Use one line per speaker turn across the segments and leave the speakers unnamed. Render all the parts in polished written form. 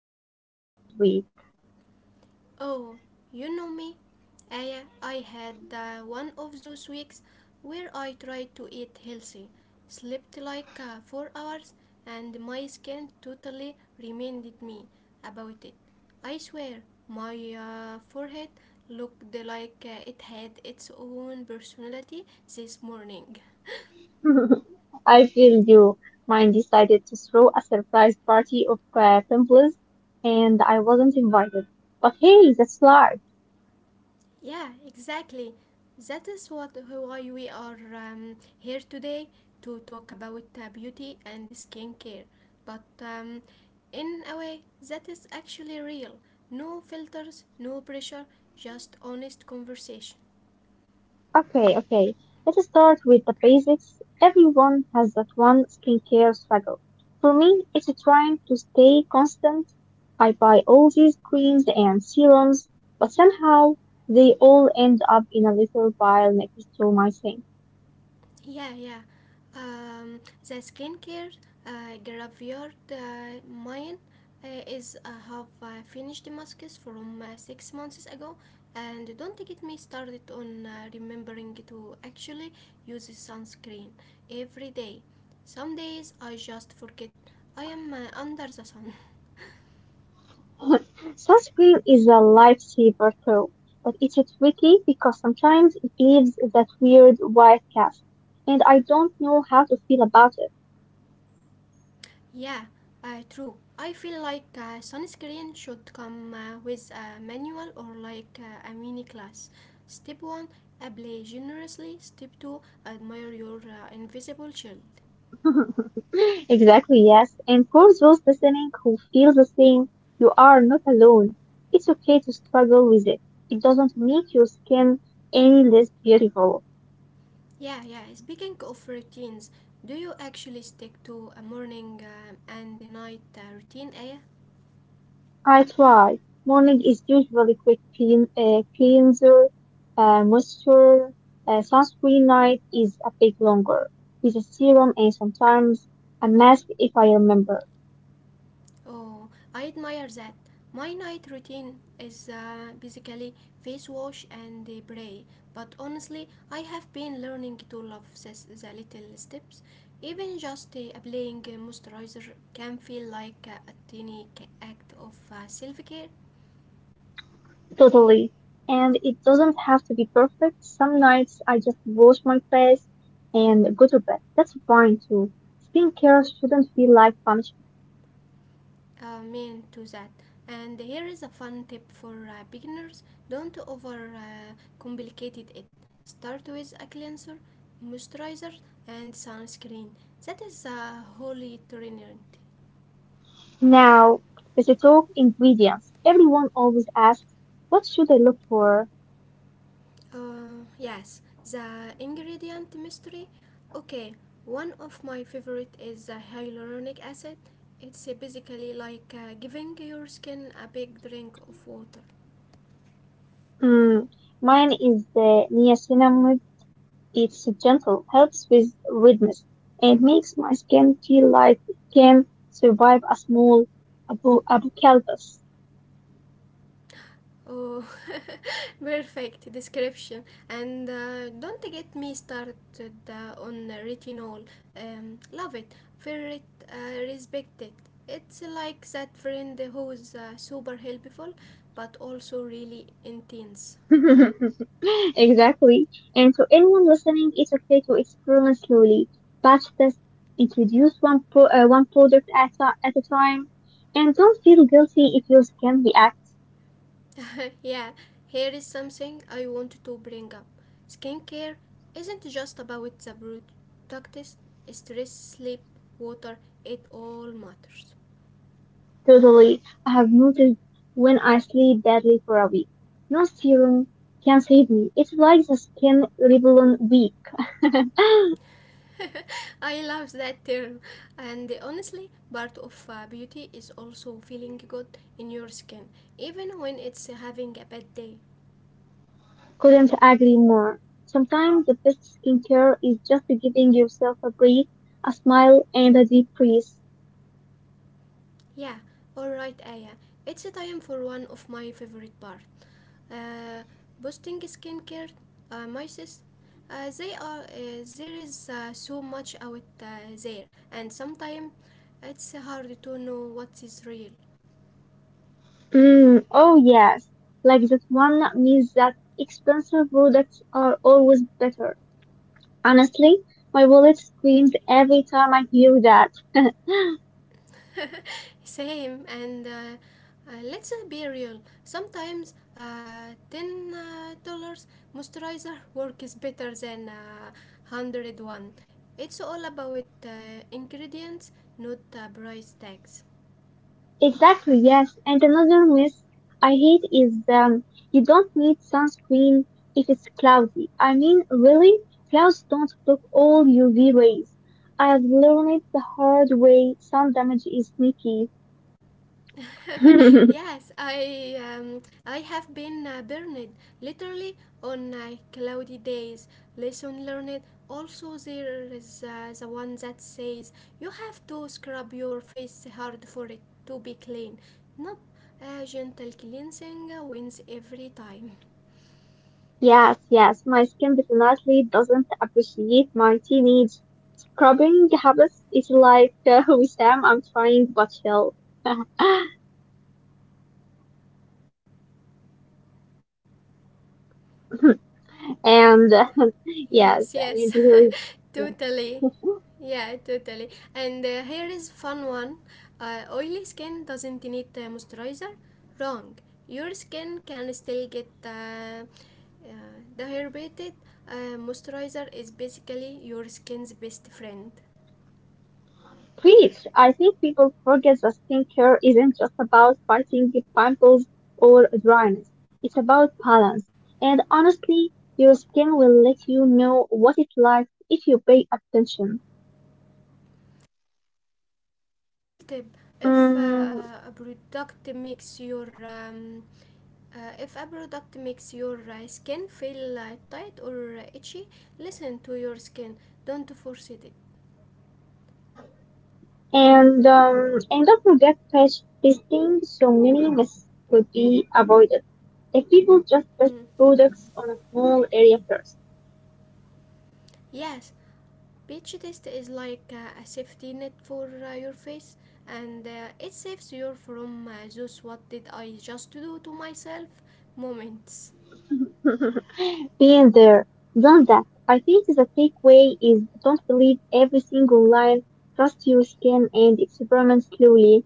all had a great week.
Oh, you know me. I had one of those weeks where I tried to eat healthy, slept like 4 hours, and my skin totally reminded me about it. I swear, my forehead looked like it had its own personality this morning.
I feel you. Mine decided to throw a surprise party of pimples and I wasn't invited. But hey, that's life.
Yeah, exactly. That is what why we are here today to talk about beauty and skincare. But in a way, that is actually real. No filters, no pressure, just honest conversation.
Okay, okay. Let's start with the basics. Everyone has that one skincare struggle. For me, it's trying to stay constant. I buy all these creams and serums, but somehow they all end up in a little pile next to my sink.
Yeah, yeah. Um, the skincare graveyard, mine is, I have finished masks from 6 months ago, and don't get me started on remembering to actually use sunscreen every day. Some days I just forget I am under the sun.
Sunscreen is a lifesaver too, but it's tricky because sometimes it leaves that weird white cast, and I don't know how to feel about it.
Yeah, true. I feel like sunscreen should come with a manual or like a mini class. Step 1, apply generously. Step 2, admire your invisible shield.
Exactly, yes. And for those listening who feel the same, you are not alone. It's okay to struggle with it. It doesn't make your skin any less beautiful.
Yeah, yeah. Speaking of routines, do you actually stick to a morning and night routine, Aya?
I try. Morning is usually quick clean, cleanser, moisture, sunscreen night is a bit longer. With a serum and sometimes a mask if I remember.
Oh, I admire that. My night routine is basically face wash and pray. But honestly, I have been learning to love this, the little steps. Even just applying a moisturizer can feel like a tiny act of self care.
Totally. And it doesn't have to be perfect. Some nights I just wash my face and go to bed. That's fine too. Skincare shouldn't feel like punishment.
Uh, mean to that. And here is a fun tip for beginners: don't over complicate it. Start with a cleanser, moisturizer, and sunscreen. That is the holy trinity.
Now, let's talk ingredients. Everyone always asks, what should I look for?
Yes, the ingredient mystery. Okay, one of my favorite is the hyaluronic acid. It's basically like giving your skin a big drink of water.
Hmm, mine is the niacinamide. It's gentle, helps with redness, and makes my skin feel like it can survive a small apocalypse.
Oh, perfect description. And don't get me started on retinol. Love it, fear it, respect it. It's like that friend who's super helpful but also really intense.
Exactly. And for anyone listening, it's okay to experiment slowly, batch test, introduce one product at a time, and don't feel guilty if your skin reacts.
Yeah, here is something I want to bring up. Skincare isn't just about the products, stress, sleep, water, it all matters.
Totally, I have noticed when I sleep badly for a week. No serum can save me. It's like the skin rebellion week.
I love that term. And honestly, part of beauty is also feeling good in your skin, even when it's having a bad day.
Couldn't agree more. Sometimes the best skincare is just giving yourself a breathe, a smile, and a deep breath.
Yeah, alright, Aya. It's time for one of my favorite part. Uh, Boosting skincare, my sis. They are There is so much out there, and sometimes it's hard to know what is real.
Mm, oh yes, like that one means that expensive products are always better. Honestly, my wallet screams every time I hear that.
Same, and let's be real. Sometimes ten dollars moisturizer works better than 100 one. It's all about ingredients, not price tags.
Exactly, yes. And another myth I hate is you don't need sunscreen if it's cloudy. I mean, really, clouds don't block all UV rays. I've learned it the hard way. Sun damage is sneaky.
Yes, I have been burned literally on cloudy days. Lesson learned. Also, there is the one that says you have to scrub your face hard for it to be clean. Nope, gentle cleansing wins every time.
Yes, yes, my skin definitely doesn't appreciate my teenage scrubbing habits. It's like with Sam, I'm trying but fail. and uh,
Yes,
yes,
yes,
and here is yes.
totally. Yeah, totally. And here is fun one. Oily skin doesn't need moisturizer. Wrong. Your skin can still get uh, dehydrated. Moisturizer is basically your skin's best friend.
Preach. I think people forget that skincare isn't just about fighting the pimples or dryness. It's about balance. And honestly, your skin will let you know what it likes if you pay attention.
Little tip: If
Mm,
a product makes your if a product makes your skin feel tight or itchy, listen to your skin. Don't force it.
and in the product page listing, so many mistakes could be avoided if people just test
Mm.
products on a small area first.
Yes, beach test is like a safety net for your face and it saves you from those what did I just do to myself moments.
Been there, done that. I think the takeaway is don't believe every single line. Trust your skin and experiment slowly.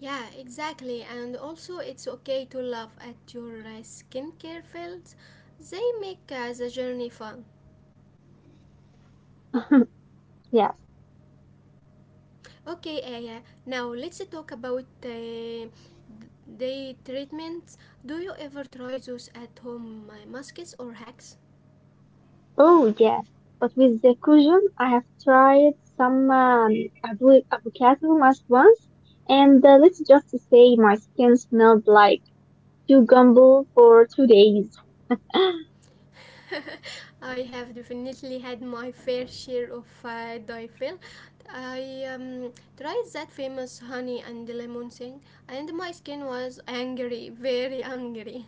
Yeah, exactly. And also, it's okay to laugh at your skincare fails. They make the journey fun.
Yes.
Okay, Aya, now let's talk about day treatments. Do you ever try those at home masks or hacks?
Oh, yes. But with the cushion, I have tried some avocado mask once, and let's just say my skin smelled like To gamble for 2 days.
I have definitely had my fair share of Difil. I tried that famous honey and lemon thing, and my skin was angry, very angry.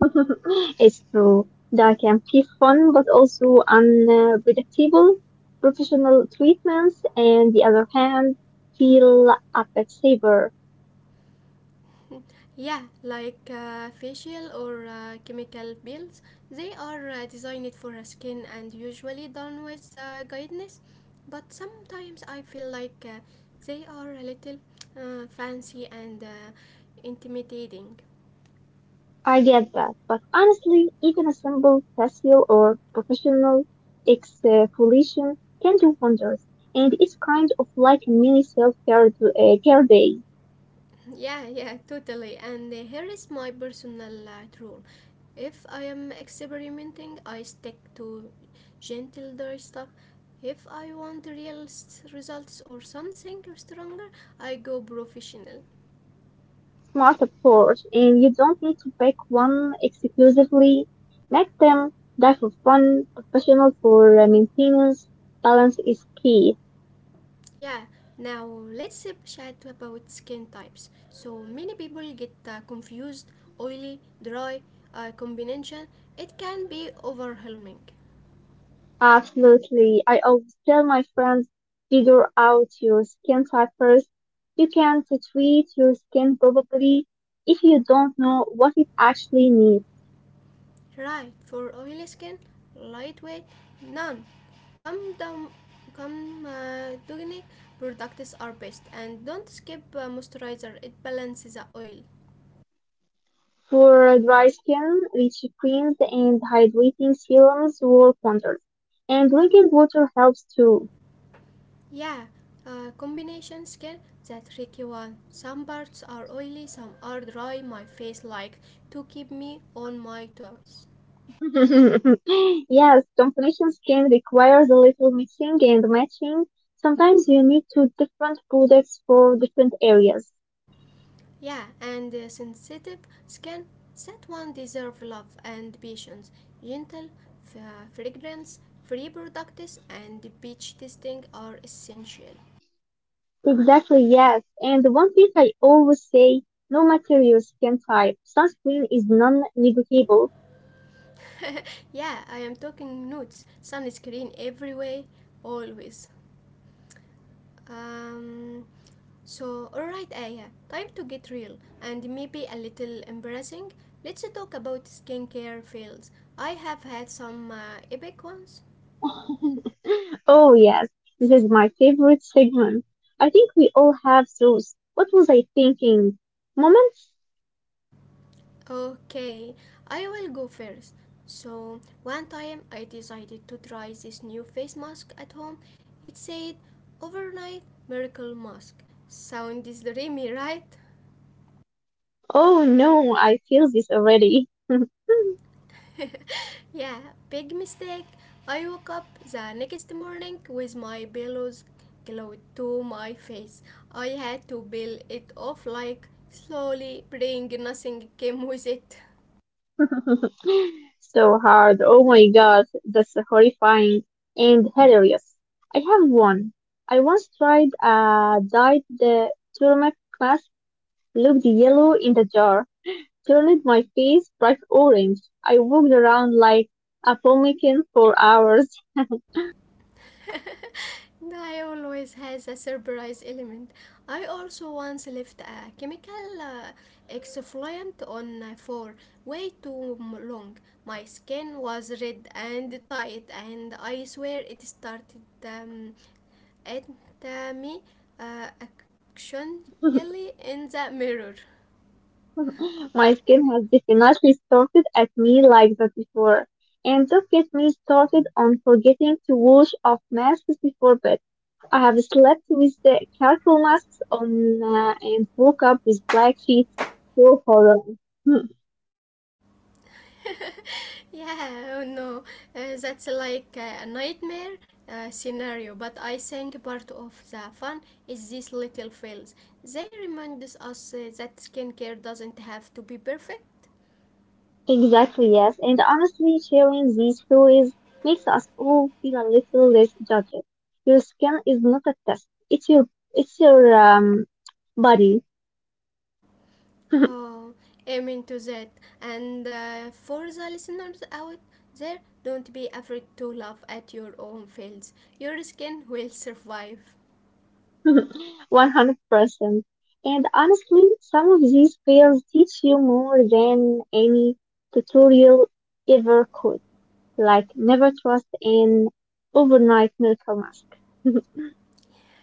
It's true. That can be fun, but also unpredictable. Professional treatments, and the other hand, feel a bit safer.
Yeah, like facial or chemical peels, they are designed for a skin and usually done with guidance, but sometimes I feel like they are a little fancy and intimidating.
I get that, but honestly, even a simple facial or professional exfoliation can do wonders, and it's kind of like a mini self-care care day.
Yeah, yeah, totally. And here is my personal rule. If I am experimenting, I stick to gentle dry stuff. If I want real results or something stronger, I go professional.
Smart approach and you don't need to pick one exclusively. Make them die for fun, professional for maintenance. Balance is key.
Yeah, now let's chat about skin types. So many people get confused, oily, dry, combination. It can be overwhelming.
Absolutely. I always tell my friends, figure out your skin type first. You can treat your skin probably if you don't know what it actually needs.
Right, for oily skin, lightweight, none. Come down, come Dugnic products are best, and don't skip moisturizer. It balances the oil.
For dry skin, rich creams and hydrating serums work wonders. And drinking water helps too.
Yeah, combination skin, that tricky one. Some parts are oily, some are dry. My face like to keep me on my toes.
Yes, combination skin requires a little mixing and matching. Sometimes you need two different products for different areas.
Yeah, and a sensitive skin. That one deserve love and patience, gentle fragrance, free products, and beach testing are essential.
Exactly, yes. And one thing I always say, no matter your skin type, sunscreen is non-negotiable.
Yeah, I am talking nudes, sunscreen every way, always. Um, so, alright, Aya, time to get real and maybe a little embarrassing. Let's talk about skincare fails. I have had some epic ones.
Oh, yes, this is my favorite segment. I think we all have those. What was I thinking? Moments?
Okay, I will go first. So, one time I decided to try this new face mask at home. It said overnight miracle mask. Sounds dreamy, right?
Oh no, I feel this already.
Yeah, big mistake. I woke up the next morning with my pillows glued to my face. I had to peel it off like slowly, praying nothing came with it.
So hard. Oh my god, that's horrifying and hilarious. I have one. I once tried a dyed turmeric mask, looked yellow in the jar, turned my face bright orange. I walked around like a pumpkin for hours.
I always has a surprise element. I also once left a chemical exfoliant on for way too long. My skin was red and tight, and I swear it started at me actionally in the mirror.
My skin has definitely started at me like that before. And don't get me started on forgetting to wash off masks before bed. I have slept with the charcoal masks on and woke up with black sheets full of horror. Hmm,
Yeah, oh no, that's like a nightmare scenario. But I think part of the fun is these little fails. They remind us that skincare doesn't have to be perfect.
exactly, yes. And honestly, sharing these stories makes us all feel a little less judged. Your skin is not a test. It's your body.
Oh, amen to that. And for the listeners out there, don't be afraid to laugh at your own fails. Your skin will survive.
100%. And honestly, some of these fails teach you more than any tutorial ever could. Like never trust an overnight miracle mask.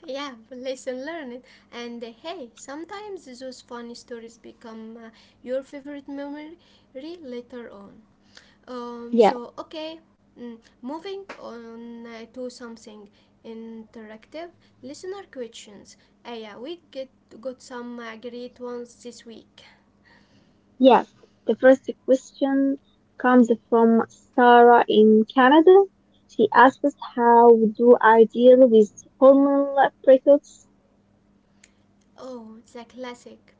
Yeah, lesson learned. And hey, sometimes those funny stories become your favorite memory later on. Um,
Yeah,
so, okay, mm, moving on to something interactive: listener questions. Yeah, we get got some great ones this week.
yeah. The first question comes from Sarah in Canada. She asks, "How do I deal with hormonal breakouts?"
Oh, the classic.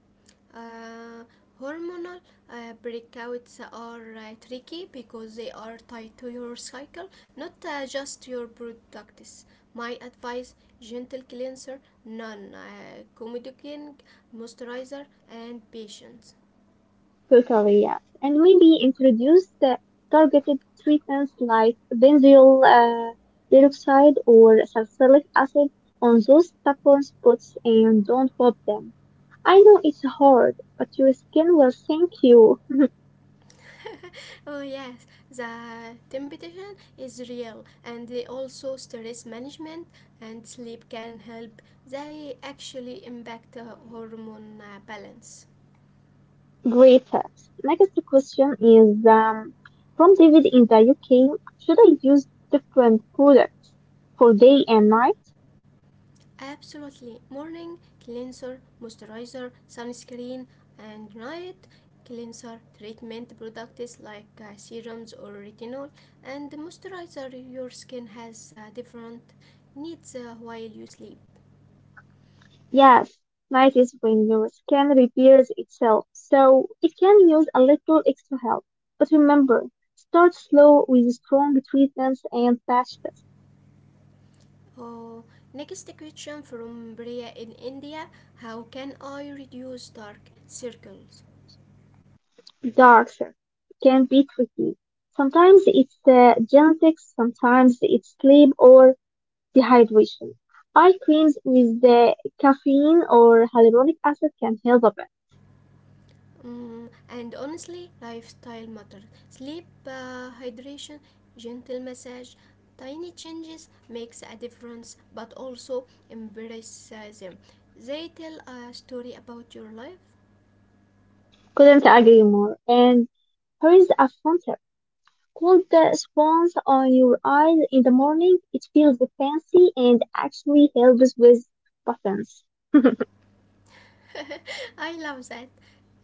Uh, Hormonal breakouts are tricky because they are tied to your cycle, not just your products. My advice: gentle cleanser, non comedogenic moisturizer, and patience.
Totally, yes, and maybe introduce the targeted treatments like benzoyl peroxide or salicylic acid on those stubborn spots and don't pop them. I know it's hard, but your skin will thank you
Oh yes, the temptation is real, and they also stress management and sleep can help. They actually impact hormone balance.
later. Next question is from David in the UK. Should I use different products for day and night?
Absolutely. Morning: cleanser, moisturizer, sunscreen. And night: cleanser, treatment products like serums or retinol, and moisturizer. Your skin has different needs while you sleep.
Yes, night is when your skin repairs itself, so it can use a little extra help. But remember, start slow with strong treatments and patches.
Oh, next question from Bria in India. How can I reduce dark circles?
Darker can be tricky. Sometimes it's genetics, sometimes it's sleep or dehydration. Eye creams with the caffeine or hyaluronic acid can help a bit.
Mm, and honestly, lifestyle matters. Sleep, hydration, gentle massage, tiny changes makes a difference. But also embrace them. They tell a story about your life.
Couldn't agree more. And here's a fun tip. Put the sponge on your eyes in the morning. It feels fancy and actually helps with buttons.
I love that.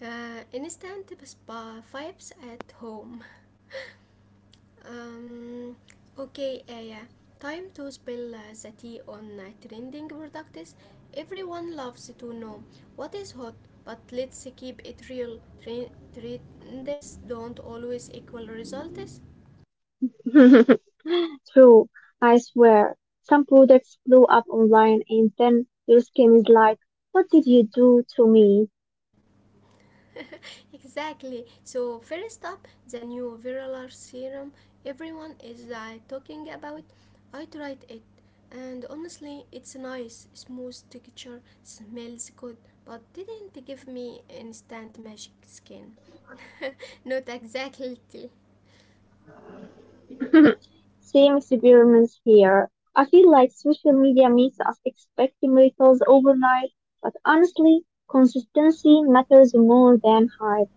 Instant spa vibes at home. Um, okay, Aya. Time to spill the tea on trending products. Everyone loves to know what is hot, but let's keep it real. Trends don't always equal results.
True, I swear. Some products blow up online and then your skin is like, what did you do to me?
Exactly. So first up, the new Viralar serum everyone is talking about. I tried it, and honestly, it's nice, smooth texture, smells good, but didn't give me instant magic skin. Not exactly.
Same experiments here. I feel like social media makes us expect miracles overnight, but honestly, consistency matters more than hype.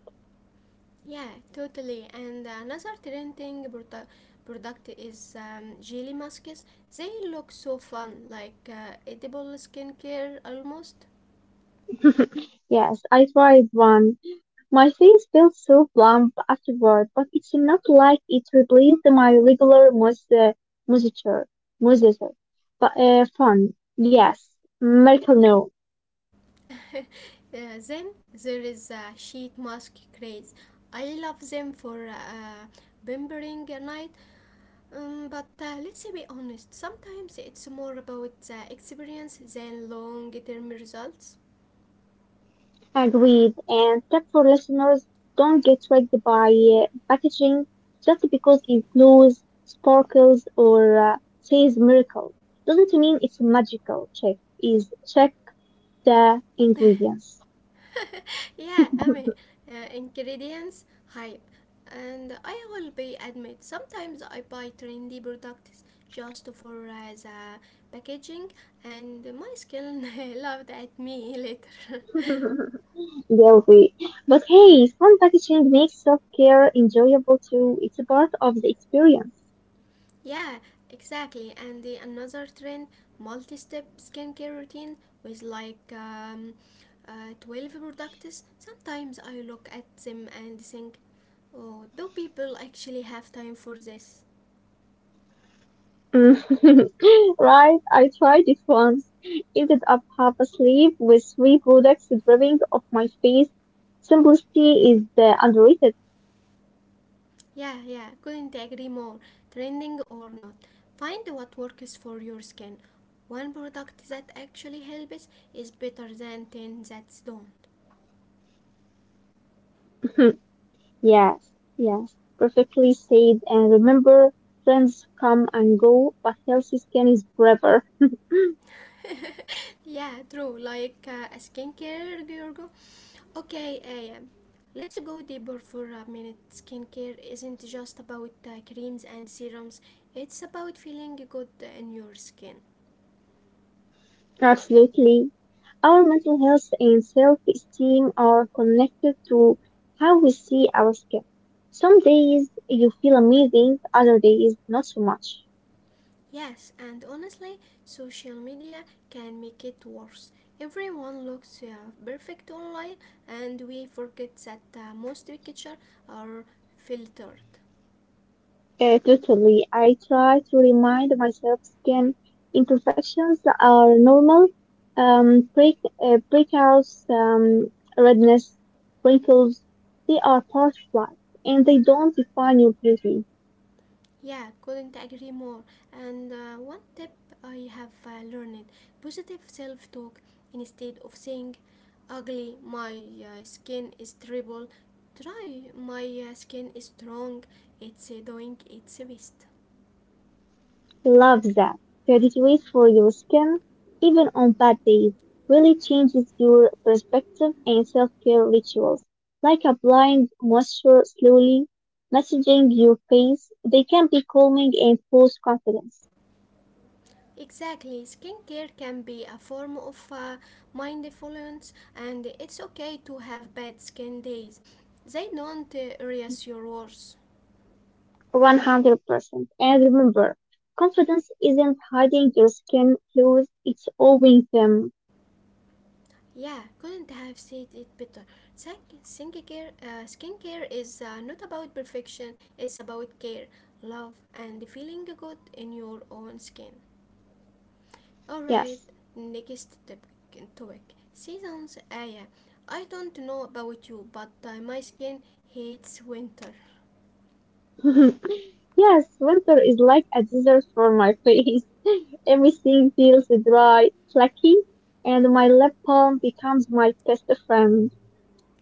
Yeah, totally. And another trending product is jelly masks. They look so fun, like edible skincare almost.
Yes, I tried one. My face felt so plump afterward, but it's not like it replaced my regular moisture, moisture, but fun. Yes, miracle no.
Then there is a sheet mask craze. I love them for pampering a night, but let's be honest, sometimes it's more about the experience than long term results.
Agreed. And tip for listeners, don't get tricked by packaging just because it glows, sparkles, or says miracle. Doesn't mean it's magical. Check the ingredients.
Yeah, I mean, ingredients, hype. And I will be admit, sometimes I buy trendy products just for the packaging, and my skin laughed at me later.
Guilty. But hey, fun packaging makes self-care enjoyable too. It's a part of the experience.
Yeah, exactly. And the another trend, multi-step skincare routine with like 12 products. Sometimes I look at them and think, oh, do people actually have time for this?
Mm. Right, I tried it once. Ended up half asleep with three products dripping off my face. Simplicity is underrated.
Yeah, yeah, couldn't agree more. Trending or not, find what works for your skin. One product that actually helps is better than 10 that don't.
Yes, yes, perfectly said. And remember, trends come and go, but healthy skin is forever.
Yeah, true. Like a skincare, Giorgio. Okay, A. M, let's go deeper for a minute. Skincare isn't just about creams and serums, it's about feeling good in your skin.
Absolutely. Our mental health and self-esteem are connected to how we see our skin. Some days you feel amazing, other days not so much.
Yes, and honestly, social media can make it worse. Everyone looks perfect online, and we forget that most pictures are filtered.
Totally. I try to remind myself skin imperfections are normal. Breakouts, redness, wrinkles, they are part of life and they don't define your beauty.
Yeah, couldn't agree more. And one tip I have learned: positive self talk. Instead of saying, ugly, my skin is terrible, try, my skin is strong, it's doing its best.
Love that. Gratitude for your skin, even on bad days, really changes your perspective and self-care rituals. Like applying moisture slowly, massaging your face, they can be calming and boost confidence.
Exactly, skincare can be a form of mindfulness, and it's okay to have bad skin days. They don't erase your worth.
100%. And remember, confidence isn't hiding your skin clothes, it's owning them.
Yeah, couldn't have said it better. Skincare, skincare is not about perfection, it's about care, love, and feeling good in your own skin. Alright,
Yes.
next topic. Seasons. Ah, yeah. I don't know about you, but my skin hates winter.
Yes, winter is like a desert for my face. Everything feels dry, flaky, and my left palm becomes my best friend.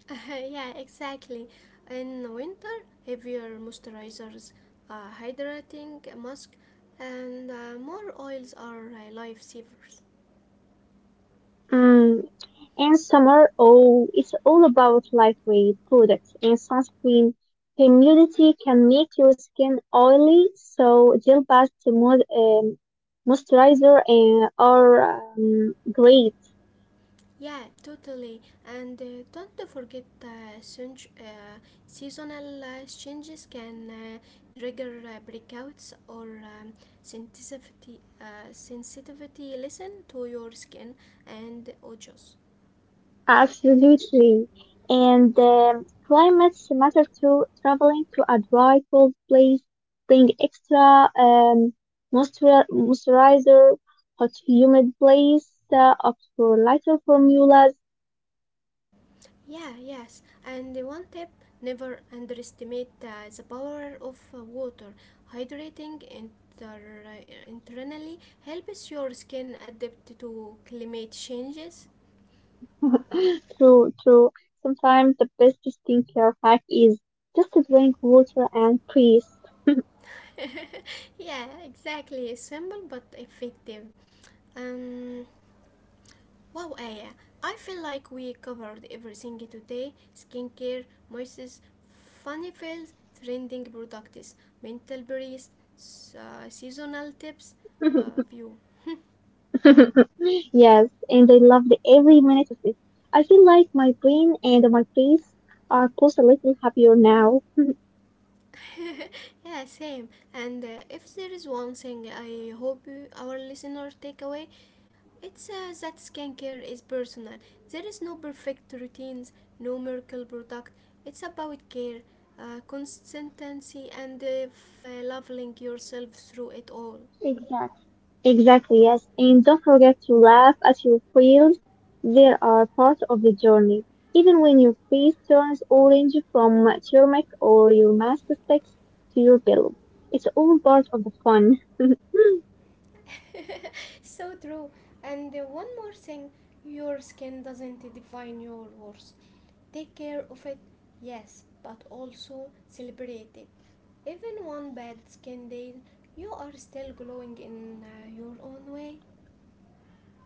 Yeah, exactly. In winter, heavier moisturizers, hydrating mask, and more oils are lifesavers.
Mm, in summer oh, it's all about lightweight products and sunscreen. Humidity can make your skin oily, so gel baths, moisturizer and are great.
Yeah, totally. And don't forget seasonal changes can trigger breakouts or sensitivity. Sensitivity. Listen to your skin and ojos.
Absolutely. And climates matter too. Traveling to a dry, cold place, bring extra moisturizer, hot, humid place, opt for lighter formulas.
Yeah, yes. And one tip: never underestimate the power of water. Hydrating internally helps your skin adapt to climate changes.
True, true. Sometimes the best skincare hack is just to drink water and breathe.
Yeah, exactly. Simple but effective. Um, wow, Aya. I feel like we covered everything today: skincare, moists, funny fails, trending products, mental breeze, seasonal tips. Few.
Yes, and I loved every minute of it. I feel like my brain and my face are both a little happier now.
Yeah, same. And if there is one thing I hope you, our listener take away, it says that skincare is personal. There is no perfect routines, no miracle product. It's about care, consistency, and leveling yourself through it all.
Exactly. Exactly, yes. And don't forget to laugh at your fails. They are part of the journey. Even when your face turns orange from turmeric or your mask sticks to your pillow, it's all part of the fun.
So true. And one more thing: your skin doesn't define your worth. Take care of it, yes, but also celebrate it. Even one bad skin day, you are still glowing in your own way.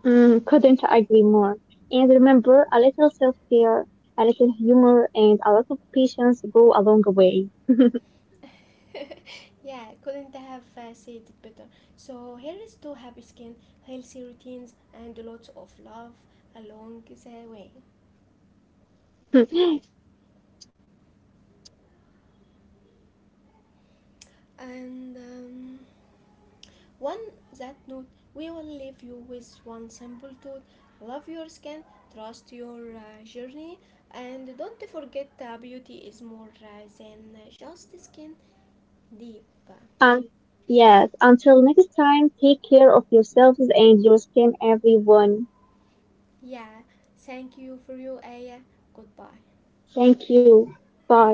Mm, couldn't agree more. And remember, a little self-care, a little humor, and a lot of patience go a long way.
Yeah, couldn't have said it better. So here is to happy skin, healthy routines, and lots of love along the way. And one that note, we will leave you with one simple thought: love your skin, trust your journey, and don't forget beauty is more than just skin deep.
um, yes, until next time, take care of yourselves and your skin, everyone.
Yeah, thank you for your Aya. Goodbye.
Thank you. Bye.